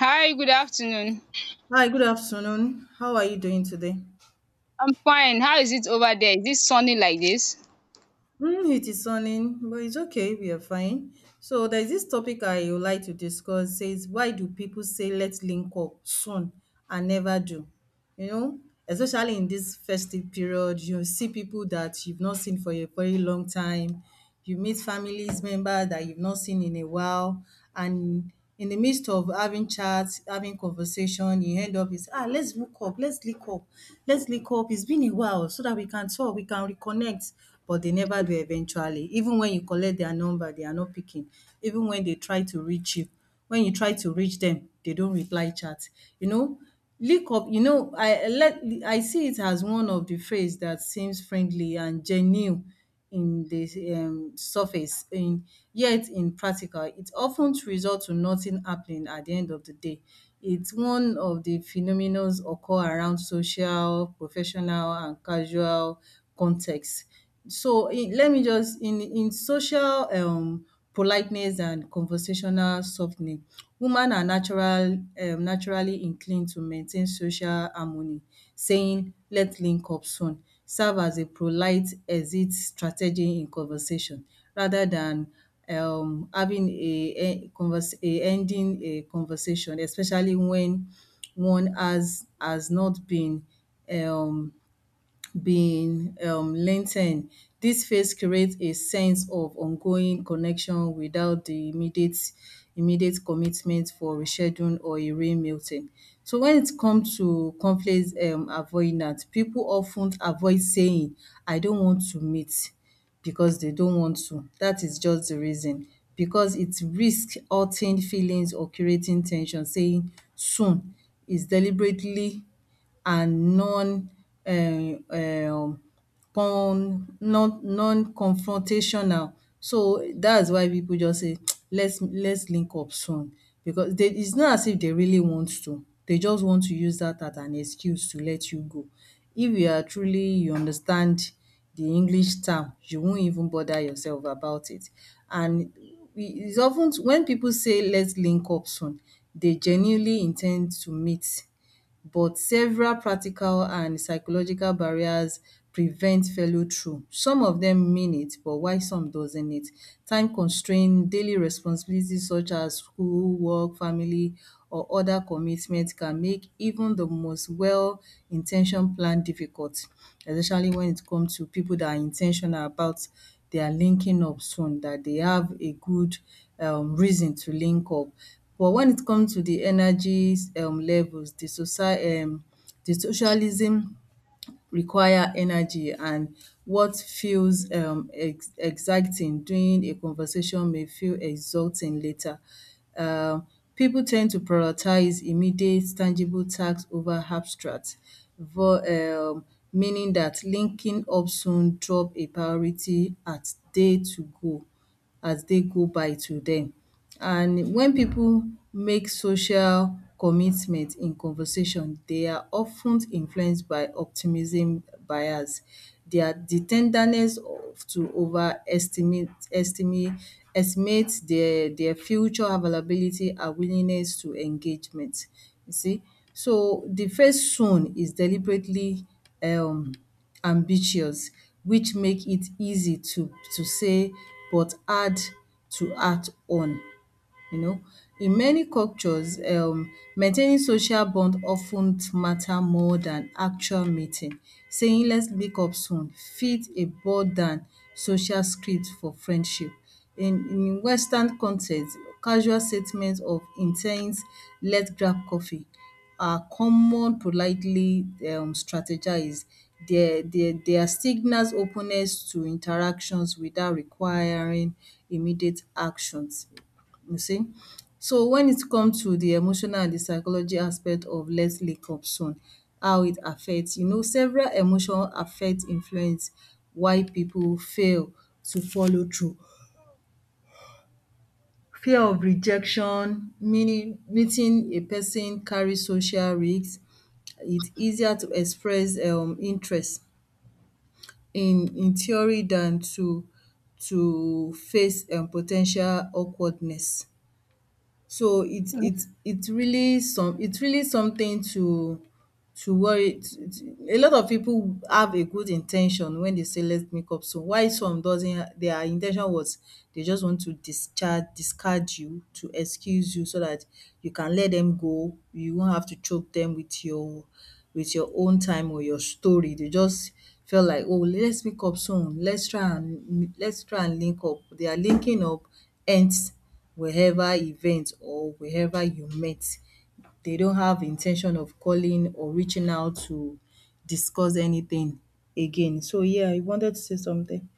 Hi, good afternoon. Hi, good afternoon. How are you doing today? I'm fine. How is it over there? Is it sunny like this? Mm, it is sunny, but it's okay. We are fine. So there's this topic I would like to discuss. Says why do people say let's link up soon and never do? You know, especially in this festive period, you see people that you've not seen for a very long time. You meet families member that you've not seen in a while, and in the midst of having chats, having conversation, you end up is ah let's hook up, let's link up, let's link up. It's been a while so that we can talk, we can reconnect but they never do eventually. Even when you collect their number, they are not picking. Even when they try to reach you, when you try to reach them, they don't reply chat. You know, link up, you know, I let I see it as one of the phrase that seems friendly and genuine in the surface. Yet in practical, it often results to nothing happening at the end of the day. It's one of the phenomenons occur around social, professional, and casual context. So in, let me just in social politeness and conversational softening, women are natural naturally inclined to maintain social harmony, saying let's link up soon serve as a polite exit strategy in conversation rather than having a en- convers a ending a conversation especially when one has not been um been length ten dis phase create a sense of ongoing connection without the immediate commitment for rescheduling or a re-meeting. So when it come to conflict avoidance, pipu of ten avoid saying I don't want to meet because they don't want to. Dat is just the reason because it risk hurting feelings or creating ten sion saying soon is deliberately and non um con non-confrontational. So, that's why pipu just say let's link up soon because they it's not as if they really want to. They just want to use that as an excuse to let you go. If you are truly you understand the English term, you won't even bother yourself about it. And we- it's of ten when pipu say let's link up soon, they genuinely in ten d to meet but several practical and psychological barriers prevent follow through. Some of them mean it but why some doesn't it. Time constraint, daily responsibilities such as school, work, family or other commitments can make even the most well in ten tioned plan difficult especially when it comes to people that are in ten tional about their linking up soon, that they have a good reason to link up. But when it comes to the energies levels, the socie the socialism require energy and what feels ex exciting during a conversation may feel exhausting later. Um People tend to prioritize immediate tangible tasks over abstract vo um meaning that linking up soon drop a priority at day to go. As day go by to dem and when people make social commitment in conversation they are of ten influenced by optimism bias their the ten derness to over estimate their future availability and willingness to engagement you see so the first soon is deliberately um ambitious which make it easy to say but hard to act on you know. In many cultures, maintaining social bond often matter more than actual meeting. Saying let ‘let's link up soon’ fit a than social script for friendship. In western context, casual statements of in ten ts ‘let's grab coffee’ are common politely strategised. They are signals openness to interactions without requiring immediate actions. You see? So when it comes to the emotional and the psychology aspect of let's link up soon, how it affects, you know, several emotion affect influence why people fail to follow through. Fear of rejection, meaning meeting a person carry social risk. It's easier to express interest in theory than to face potential awkwardness. So it really some it's really something to worry. A lot of people have a good in ten tion when they say let's make up so while some doesn't their in ten tion was they just want to discharge discard you to excuse you so that you can let them go you won't have to choke them with your own time or your story they just felt like oh let's make up soon let's try and link up their linking up ends wherever event or wherever you met. They don't have intention of calling or reaching out to discuss anything again. So yeah, you wanted to say something?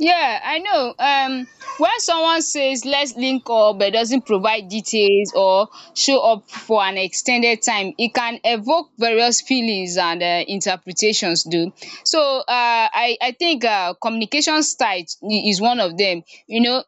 Yeah, I know. When someone says let's link up but doesn't provide details or show up for an extended time, it can evoke various feelings and interpretations. Do so. I think communication style is one of them. You know,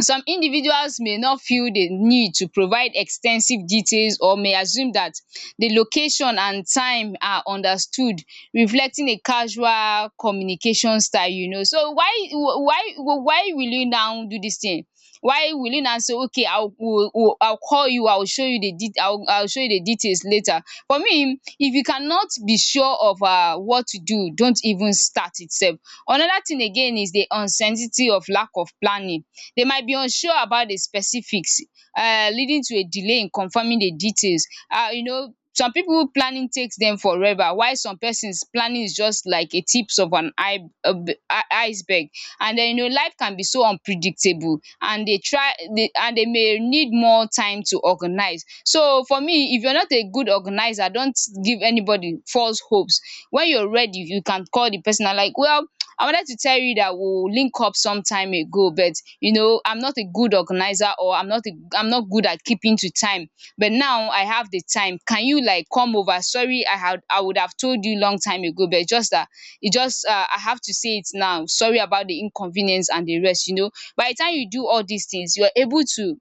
some individuals may not feel the need to provide extensive details or may assume that the location and time are understood, reflecting a casual communication style, you know. So why will you now do this thing? While willing na say okay, I will call you, I will show you the, I will show you the details later. For me, if you cannot be sure of what to do, don't even start itself. Another thing again is the uncertainty of lack of planning. They might be unsure about the specifics, leading to a delay in confirming the details. You know, some people planning takes them forever, while some persons planning is just like a tips of an iceberg. And then, you know, life can be so unpredictable and they try they and they may need more time to organize. So for me, if you're not a good organizer, don't give anybody false hopes. When you're ready, you can call the person and like, well, I wanted to tell you that we'll link up some time ago, but you know, I'm not a good organizer, or I'm not good at keeping to time, but now I have the time. Can you like come over? Sorry, I would have told you long time ago, but just that it just I have to say it now. Sorry about the inconvenience and the rest, you know. By the time you do all these things, you are able to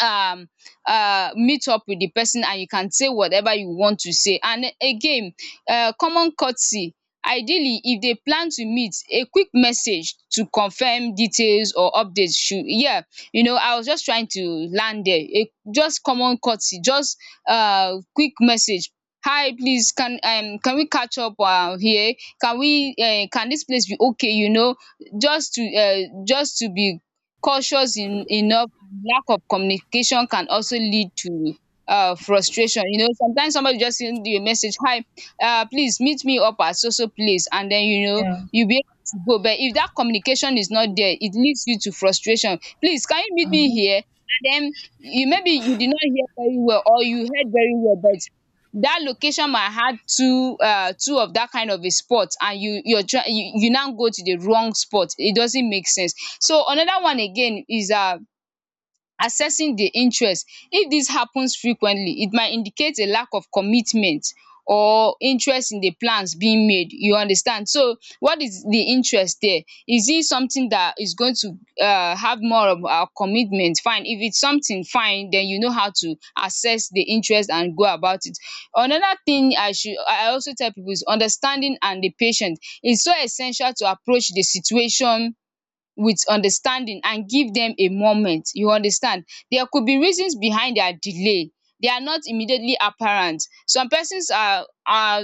um meet up with the person, and you can say whatever you want to say. And again, common courtesy, ideally if they plan to meet, a quick message to confirm details or updates should, yeah, you know, I was just trying to land there, a just common courtesy, just quick message. Hi, please can we catch up here? Can we can this place be okay, you know, just to be cautious in, enough. And lack of communication can also lead to frustration. You know, sometimes somebody just send you a message, hi, please meet me up at so so place, and then, you know, Yeah. you be able to go. But if that communication is not there, it leads you to frustration. Please, can you meet me here? And then you, maybe you did not hear very well, or you heard very well, but that location might had two, two of that kind of a spot, and you you now go to the wrong spot. It doesn't make sense. So another one again is assessing di interest. If dis happens frequently, it might indicate a lack of commitment or interest in the plans being made. You understand, so what is the interest there? Is it something that is going to have more of our commitment? Fine. If it's something fine, then you know how to assess the interest and go about it. Another thing I also tell people is understanding, and the patient is so essential to approach the situation with understanding and give them a moment. You understand, there could be reasons behind their delay. They are not immediately apparent. Some persons are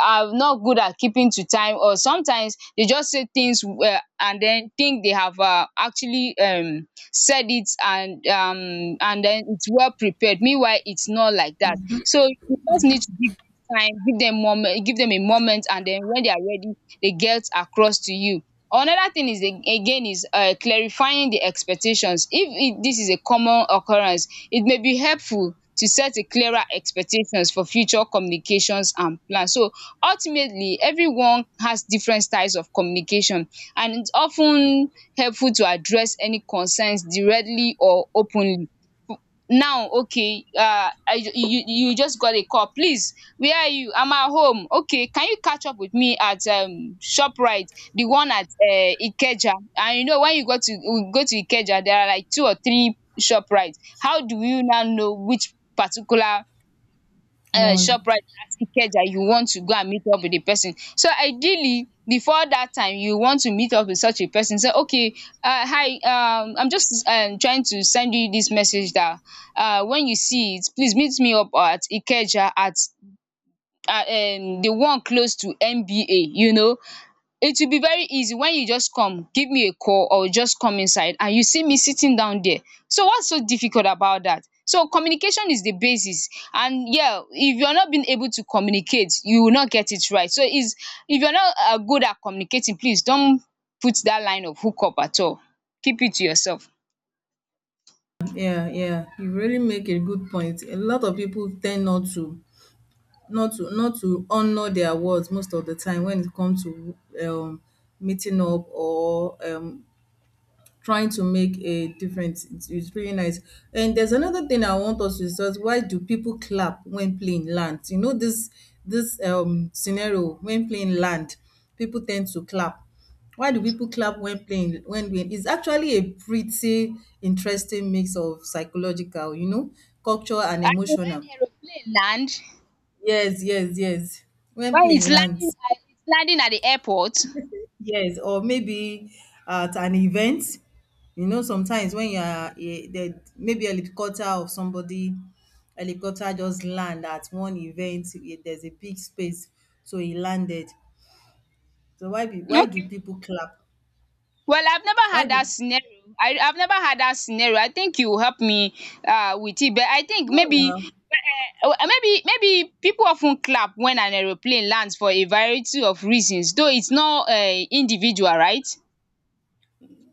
are not good at keeping to time, or sometimes they just say things, and then think they have actually said it, and then it's well prepared. Meanwhile it's not like that. So you just need to give dem time, give them moment, give them a moment, and then when they are ready, they get across to you. Another thing is again is clarifying the expectations. If dis is a common occurrence, it may be helpful to set a clearer expectations for future communications and plans. So ultimately, everyone has different styles of communication, and it's often helpful to address any concerns directly or openly. Now okay, you just got a call. “Please, where are you?” “I'm at home.” “Okay, can you catch up with me at Shoprite, the one at Ikeja?” And you know, when you go to, you go to Ikeja, there are like two or three Shoprite. How do you now know which particular One. Shoprite at Ikeja you want to go and meet up with the person? So ideally, before that time you want to meet up with such a person, say okay, hi, I'm just trying to send you this message that when you see it, please meet me up at Ikeja at the one close to MBA, you know. It will be very easy. When you just come, give me a call, or just come inside and you see me sitting down there. So what's so difficult about that? So communication is the basis, and yeah, if you're not being able to communicate, you will not get it right. So is, if you're not good at communicating, please don't put that line of hook up at all. Keep it to yourself. Yeah, yeah. You really make a good point. A lot of people tend not to honor their words most of the time when it comes to um meeting up or trying to make a difference. It's really nice. And there's another thing I want us to discuss. Why do people clap when playing lands? You know this scenario when playing land, people tend to clap. Why do people clap when playing when we it's actually a pretty interesting mix of psychological, you know, culture and As in emotional. when aeroplane land, Yes, yes, yes. When when it's playing land. landing, at it's landing at the airport. Yes, or maybe at an event. You know, sometimes when you are eh, the maybe helicopter of somebody, helicopter just land at one event. Eh, there's a big space, so he landed. So why do Okay. people clap? Well, I've never Why had that do scenario. I, I've never had that scenario. I think you help me with it, but I think no maybe, now? maybe people often clap when an aeroplane lands for a variety of reasons, though it's not, individual, right?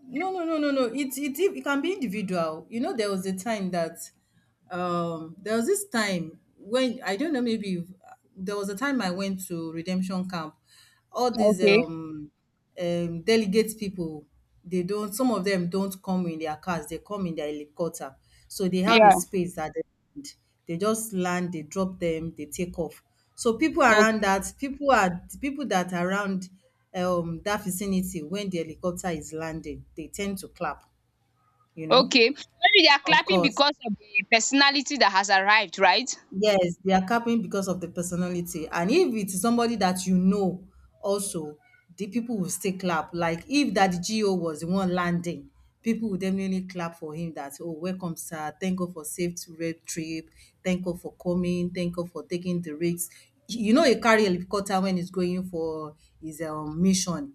No, no, no, no, no. It can be individual. You know, there was a time that there was this time when I don't know maybe you've- there was a time I went to redemption camp. All these Okay. Delegate people, they don't some of them don't come in their cars, they come in their helicopter. So they have a Yeah. space that they just land, they drop them, they take off. So people around Okay. that, people that are around that vicinity when the helicopter is landing, they tend to clap, you know. Okay, maybe they are Of clapping course. because of the personality that has arrived, right? Yes, they are capping because of the personality. And if it's somebody that you know, also, the people will still clap. Like if that GO was the one landing, people will definitely clap for him that, oh, welcome, sir. Thank God for safe red trip. Thank God for coming. Thank God for taking the risks. You know, he carry helicopter when he's going for his mission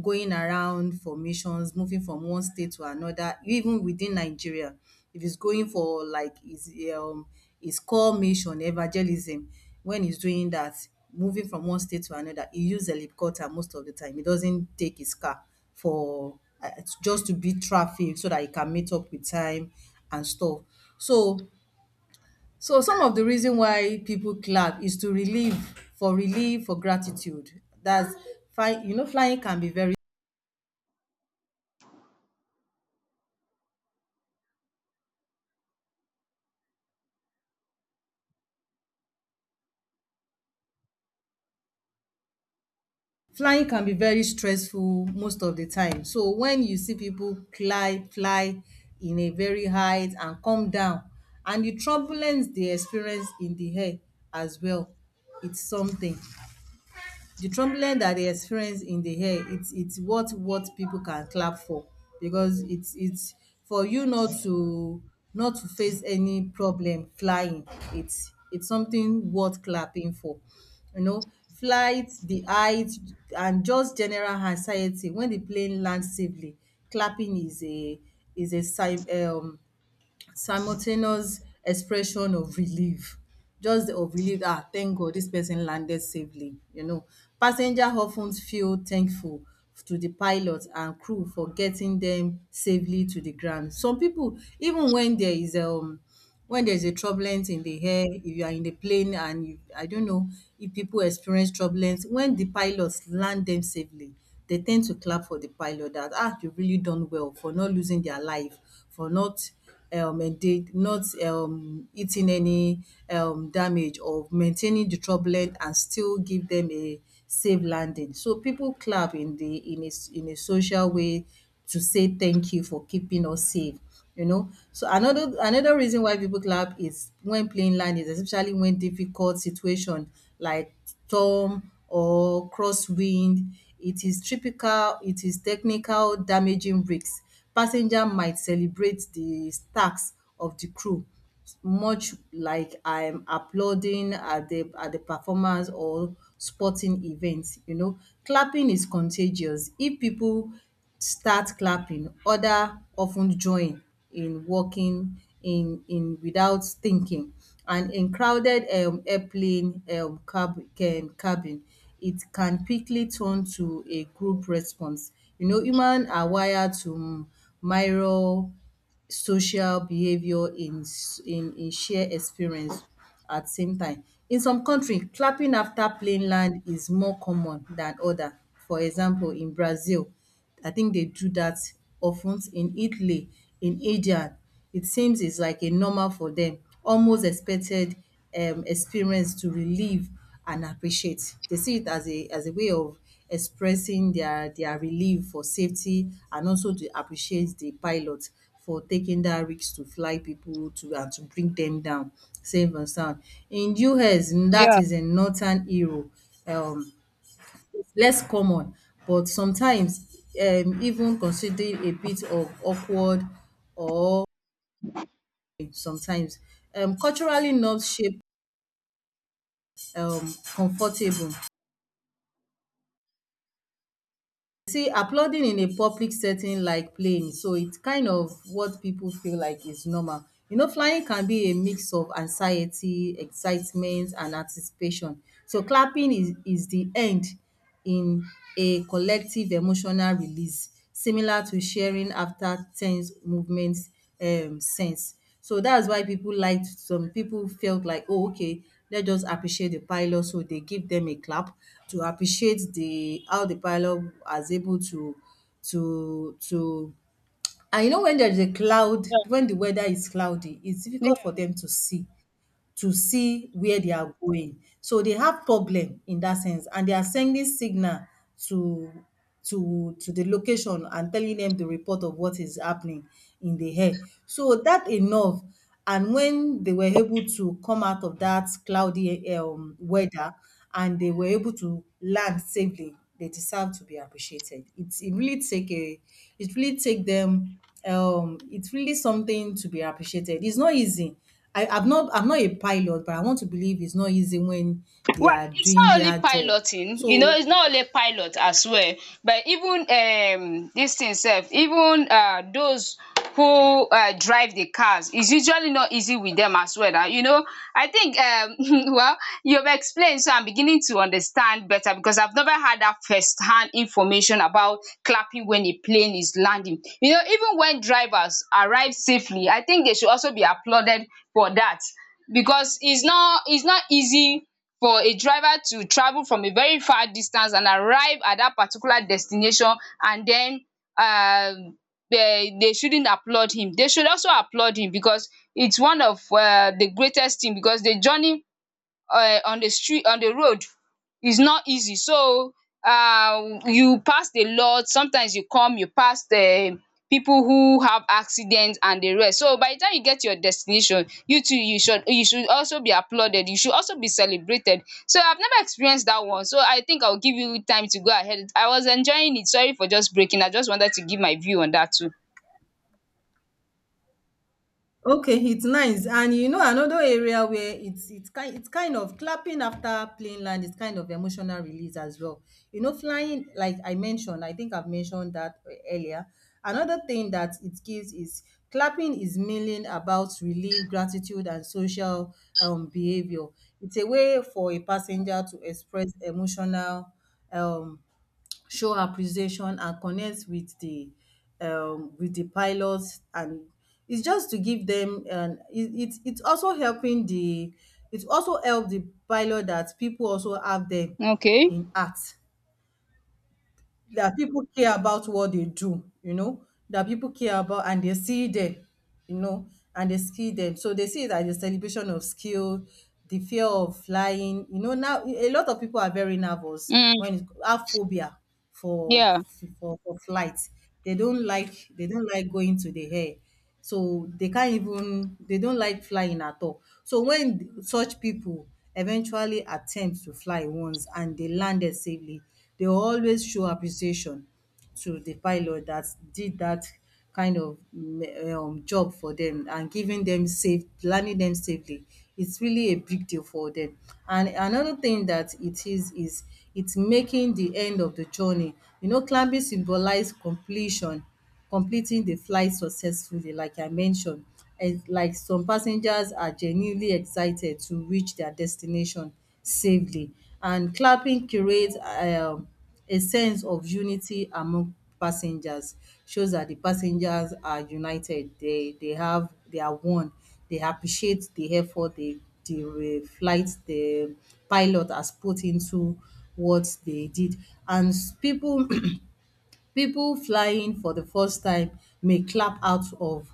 going around for missions, moving from one state to another, even within Nigeria. If he's going for like his core mission, evangelism, when he's doing that, moving from one state to another, he use helicopter most of the time. He doesn't take his car for just to beat traffic so that he can meet up with time and stuff. So some of the reason why people clap is to relieve for relief for gratitude. That's fine. You know, flying can be very stressful most of the time so when you see people fly in a very height and come down and the turbulence dey experience in the air as well it's something the trembling that they experience in the air it's what people can clap for because it's for you not to face any problem flying it's something worth clapping for you know flight the height and just general anxiety when the plane lands safely clapping is a sign simultaneous expression of relief just the of relief ah thank God this person landed safely you know. Passenger of ten feel thankful to the pilot and crew for getting them safely to the ground. Some people, even when there is when there's a turbulence in the air, if you are in the plane and you I don't know if people experience turbulence, when the pilots land them safely, they tend to clap for the pilot that, "Ah, you've really done well for not losing their life, for not enda- not eating any damage or maintaining the turbulence and still give them a safe landing." So people clap in the in a social way to say thank you for keeping us safe you know so another reason why people clap is when playing line is especially when difficult situation like storm or crosswind it is technical damaging risks passenger might celebrate the stacks of the crew much like I'm applauding at the performance or sporting events. You know, clapping is contagious. If people start clapping, other often join in walking in without thinking, and in crowded airplane cabin it can quickly turn to a group response. You know, humans are wired to mirror social behaviour in s- in shared experience at same time. In some country, clapping after plane land is more common than other. For example, in Brazil, I think they do that often, in Italy, in India. It seems it's like a normal for them, almost expected experience to relieve and appreciate. They see it as a way of expressing their relief for safety and also to appreciate the pilot for taking that risk to fly people to and to bring them down safe and sound. In US, that Yeah. is in Northern Europe. Um, Less common, but sometimes even considered a bit of awkward or sometimes. Culturally norms shape comfortable. See, applauding in a public setting like playing, so it's kind of what people feel like is normal. You know, flying can be a mix of anxiety, excitement, and anticipation. So clapping is the end in a collective emotional release, similar to cheering after ten se movement sense. So that's why people liked some people felt like, oh, okay, let's just appreciate the pilot. So they give them a clap to appreciate the how the pilot was able to and you know when there is a cloud, when the weather is cloudy, it's difficult for them to see where they are going. So they have problem in that sense and they are sending signal to to the location and telling them the report of what is happening in the air. So that enough, and when they were able to come out of that cloudy weather and they were able to land safely, they deserve to be appreciated. It's it really take a it really take them it's really something to be appreciated. It's not easy. I'm not a pilot, but I want to believe it's not easy when they Well, are it's doing not only their job. piloting, you know, So, it's not only pilot as well, but even this thing sef, even those who drive the cars, it's usually not easy with them as well. And you know, I think well, you've explained, so I'm beginning to understand better, because I've never had that first hand information about clapping when a plane is landing. You know, even when drivers arrive safely, I think they should also be applauded for that, because it's not, it's not easy for a driver to travel from a very far distance and arrive at that particular destination. And then um they shouldn't applaud him, they should also applaud him, because it's one of the greatest thing, because the journey on the street, on the road, is not easy. So you pass a lot, sometimes you come, you pass the people who have accidents and the rest. So by the time you get to your destination, you too, you should also be applauded, you should also be celebrated. So I've never experienced that one, so I think I'll give you time to go ahead. I was enjoying it. Sorry for just breaking, I just wanted to give my view on that too. okay, it's nice. And you know, another area where it's kind of clapping after plane land is kind of emotional release as well. You know, flying like I mentioned, I think I've mentioned that earlier. Another thing that it gives is clapping is mainly about relief, gratitude, and social behavior. It's a way for a passenger to express emotional um show appreciation and connect with the with the pilots, and it's just to give them, and it's also helping the it also help the pilot that people also have them Okay. in art, that people care about what they do, you know, that people care about and they see them, you know, and they see them. So they see it as a celebration of skill, the fear of flying. You know, now a lot of people are very nervous Mm. when it, have phobia for, Yeah. for flight. They don't like going to the air. So they can't even they don't like flying at all. So when such people eventually attempt to fly once and they landed safely, they always show appreciation to the pilot that did that kind of job for them and giving them safe landing them safely, it's really a big deal for them. And another thing that it is it's making the end of the journey, you know, climbing symbolize completion completing the flight successfully like I mentioned. And like some passengers are genuinely excited to reach their destination safely. And clapping creates a sense of unity among passengers. Shows that the passengers are united. They have they are one. They appreciate the effort the flight the pilot has put into what they did. And people People flying for the first time may clap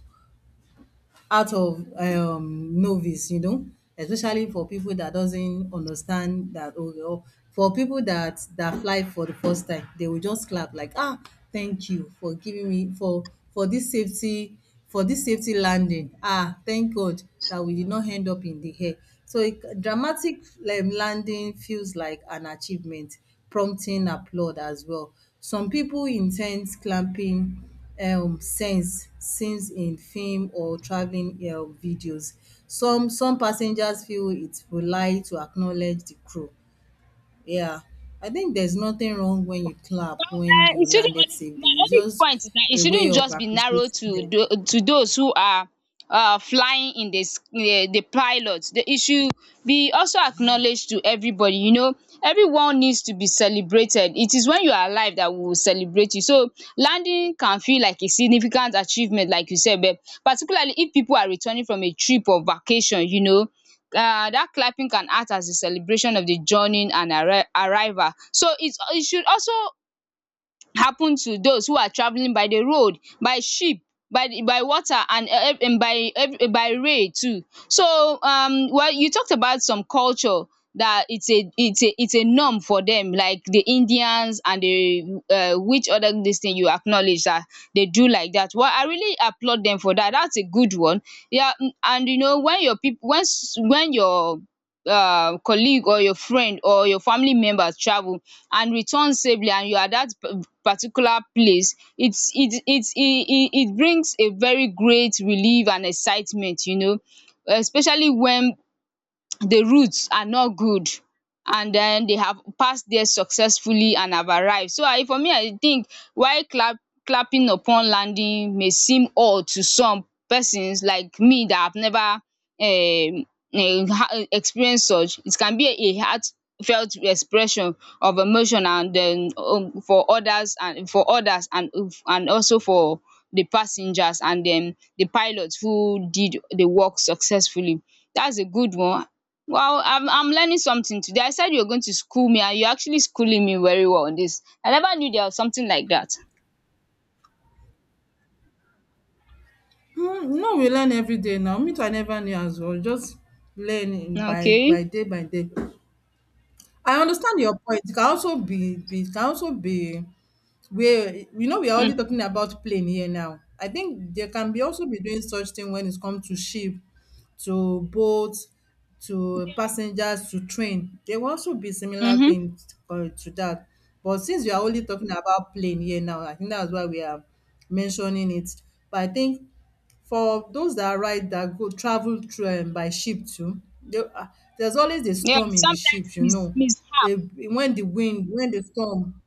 out of novice, you know, especially for people that doesn't understand that, or for people that that fly for the first time, they will just clap like, ah, thank you for giving me for this safety for this safety landing. Ah, thank God that we did not end up in the air. So it, dramatic landing feels like an achievement, prompting applaud as well. Some people intend clapping scenes in film or traveling videos. Some passengers feel it polite to acknowledge the crew. Yeah, I think there's nothing wrong when you clap Well, when you it shouldn't landed only, my safely. It's only just point is that it a way shouldn't of just be narrow appreciating to them. To those who are flying in this, the pilot. The, issue be also acknowledged to everybody. You know, everyone needs to be celebrated. It is when you are alive that we will celebrate you. So landing can feel like a significant achievement, like you said, but particularly if people are returning from a trip or vacation. You know, that clapping can act as a celebration of the journey and arrival. So it's, it should also happen to those who are travelling by the road, by ship, by the, by water, and by by rail too. So well, you talked about some culture that it's a, it's a norm for them, like the Indians and the which other this thing, you acknowledge that they do like that. Well, I really applaud them for that. That's a good one. Yeah. Mm, and you know, when your people, when when your colleague or your friend or your family members travel and return safely, and you are at that particular place, it's it it it it it brings a very great relief and excitement, you know, especially when the routes are not good and then they have passed there successfully and have arrived. So I for me I think while clapping upon landing may seem odd to some persons like me that have never experienced such. It can be a heartfelt expression of emotion and den for others and also for the passengers and then the pilots who did the work successfully. That's a good one. Well, I'm learning something today. I said you're going to school me, and you're actually schooling me very well on this. I never knew there was something like that. Mm, you we learn every day now. Me too, I never knew as well. Just learn in by Okay. by day by day. I understand your point. It can also be it can also be where you know we are only Mm. talking about plane here now. I think there can be also be doing such thing when it comes to ship, to boat, to passengers, to train. There will also be similar Mhm. things to that. But since we are only talking about plane here now, I think that's why we are mentioning it. But I think for those that ride that go travel through by ship too, they there's always a Yeah. storm in the ship, Sometimes you mis know. mishap. A when the wind, when the storm.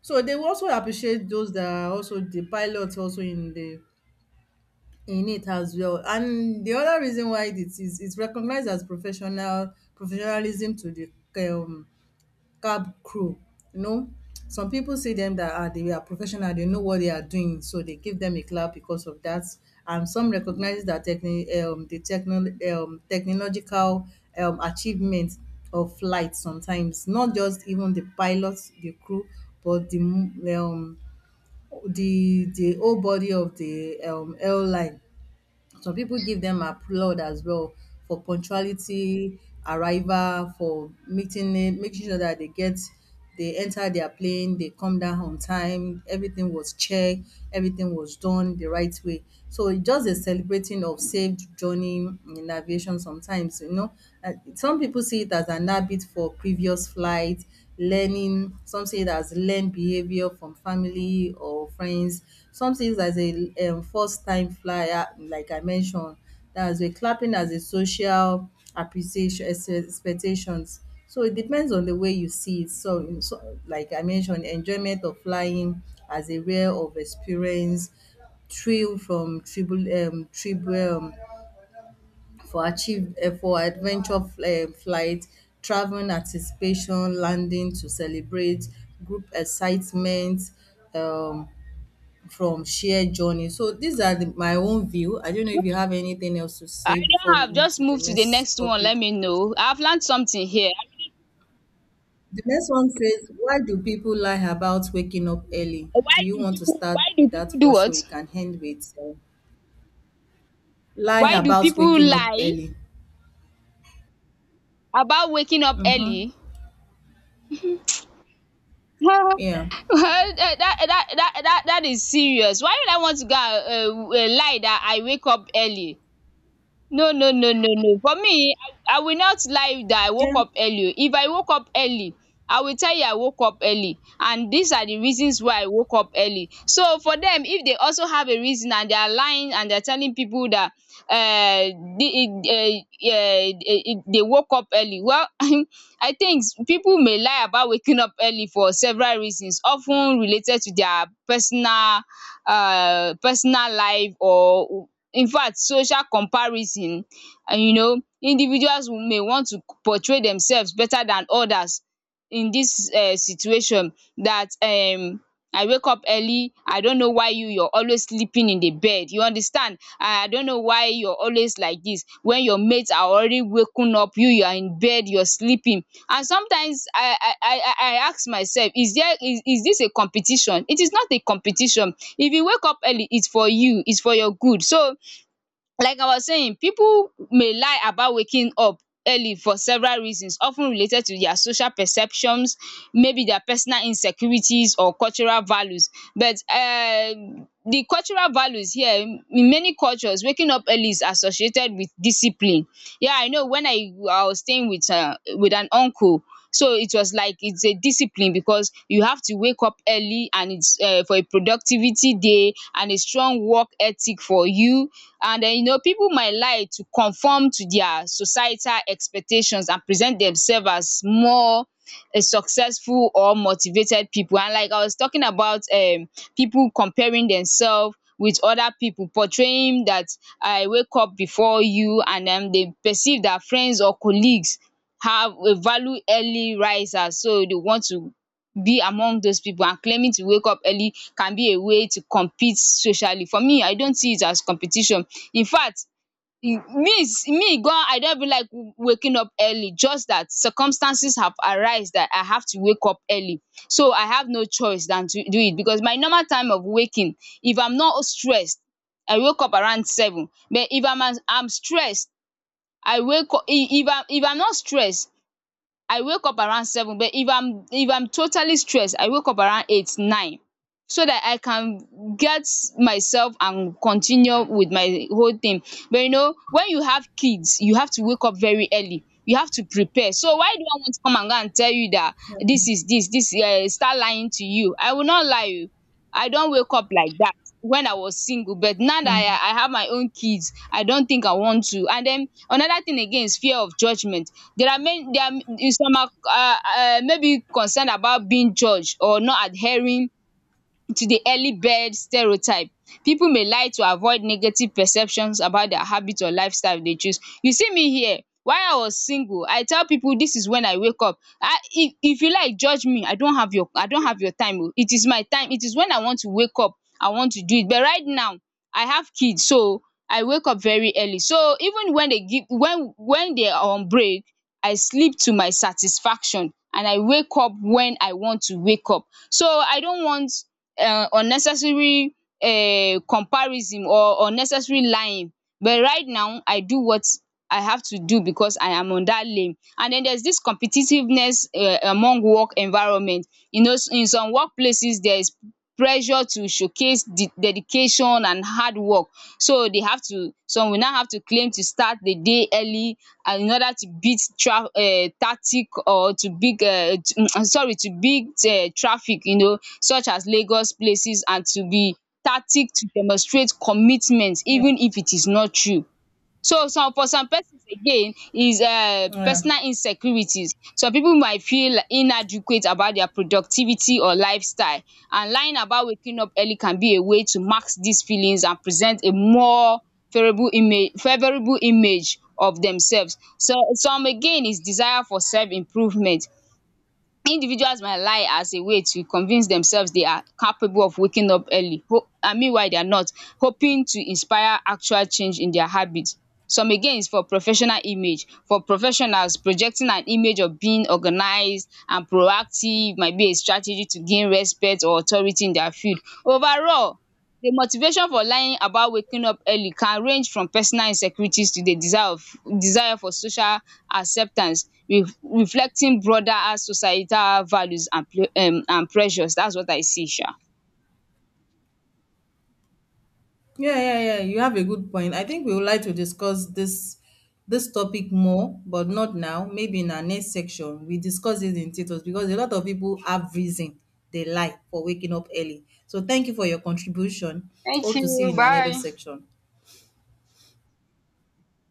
So they will also appreciate those that are also the pilots also in the in it as well. And the other reason why it is recognized as professional professionalism to the um cab crew, you know. Some people see them that ah, they are professional, they know what they are doing, so they give them a clap because of that. And some recognize that the technological achievement of flight sometimes, not just even the pilots, the crew, but um, the whole body of the airline, some people give them applaud as well for punctuality, arrival, for meeting it, making sure that they get they enter their plane, they come down on time, everything was checked, everything was done the right way. So it's just a celebrating of saved journey in aviation sometimes, you know. Some people see it as an habit for previous flights, learning, some see it as learned behavior from family or friends. Something as a first time flyer like I mentioned, that's a clapping as a social expectations. So it depends on the way you see it. So so like I mentioned enjoyment of flying as a rare of experience, thrill from tribul tribu for achieve for adventure flight, traveling anticipation, landing to celebrate, group excitement um from shared journey. So these are the, my own view. I don't know if you have anything else to I say before don't we have. move Just to the move to the next next one. topic. Let me know. I've learned something here. The next one says, why do people lie about waking up early? Why Do you do want to people start Why do with people that do first so we what? can end with lie Why do about people waking up lie early? about waking up Mm-hmm. early? Yeah. that that is serious. Why would I want to go and lie that I wake up early? No, no, no, no, no, for me I will not lie that I Yeah. woke up early o. If I woke up early, I will tell you I woke up early, and these are the reasons why I woke up early. So for them, if they also have a reason, and they are lying and they are telling people that um um they woke up early, well. I think people may lie about waking up early for several reasons of ten related to their personal life, or in fact social comparison. And you know, individuals may want to portray themselves better than others in this situation. That I wake up early. I don't know why you're always sleeping in the bed. You understand? I don't know why you're always like this. When your mates are already waking up, you are in bed, you're sleeping. And sometimes I ask myself, is there is this a competition? It is not a competition. If you wake up early, it's for you, it's for your good. So, like I was saying, people may lie about waking up early for several reasons of ten related to their social perceptions, maybe their personal insecurities or cultural values. But the cultural values here, in many cultures waking up early is associated with discipline. Yeah, I know when I was staying with with an uncle, so it was like it's a discipline, because you have to wake up early, and it's for a productivity day and a strong work ethic for you. And then, you know, people might lie to conform to their societal expectations and present themselves as more a successful or motivated people. And like I was talking about, people comparing themselves with other people, portraying that I wake up before you. And they perceive that friends or colleagues have a value early risers, so they want to be among those people, and claiming to wake up early can be a way to compete socially. For me, I don't see it as competition. In fact, me me gan, I don't even like waking up early, just that circumstances have arise that I have to wake up early. So I have no choice than to do it, because my normal time of waking, if I'm not stressed, I wake up around seven. But if I'm am stressed, I wake up. If I'm not stressed, I wake up around seven, but if I'm totally stressed I wake up around eight nine, so that I can get myself and continue with my whole thing. But you know, when you have kids you have to wake up very early, you have to prepare. So why do I want to come and go and tell you that Yeah. this is this this start lying to you? I will not lie you. I don't wake up like that when I was single, but now that I have my own kids, I don't think I want to. And then another thing again is fear of judgement. There are many, some are maybe concerned about being judged or not adhering to the early bird stereotype. People may lie to avoid negative perceptions about their habit or lifestyle they choose. You see me here, while I was single, I tell people this is when I wake up. I if you like judge me, I don't have your time oh. It is my time. It is when I want to wake up, I want to do it. But right now, I have kids, so I wake up very early. So even when they are on break, I sleep to my satisfaction and I wake up when I want to wake up. So I don't want unnecessary comparison or unnecessary lying, but right now I do what I have to do, because I am on that lane. And then there's this competitiveness among work environment. You know, in some workplaces there is pressure to showcase the dedication and hard work. So they have to, some will now have to claim to start the day early, and in order to beat um tactic, or to big sorry, to beat traffic, you know, such as Lagos places, and to be tactic to demonstrate commitment Yeah. even if it is not true. So some for some persons again is Yeah. personal insecurities. Some pipu might feel inadequate about their productivity or lifestyle, and lying about waking up early can be a way to mask these feelings and present a more favourable image of themselves. So some again is desire for self improvement. Individuals might lie as a way to convince themselves they are capable of waking up early, and meanwhile they are not, hoping to inspire actual change in their habits. Some again is for professional image. For professionals, projecting an image of being organized and proactive might be a strategy to gain respect or authority in their field. Overall, the motivation for lying about waking up early can range from personal insecurities to the desire for social acceptance, reflecting broader societal values and pressures. That's what I see sha. Yeah, yeah, yeah. You have a good point. I think we would like to discuss this topic more, but not now. Maybe in our next section we discuss it in details because a lot of people have reason they lie for waking up early. So thank you for your contribution. Hope to see you in another section.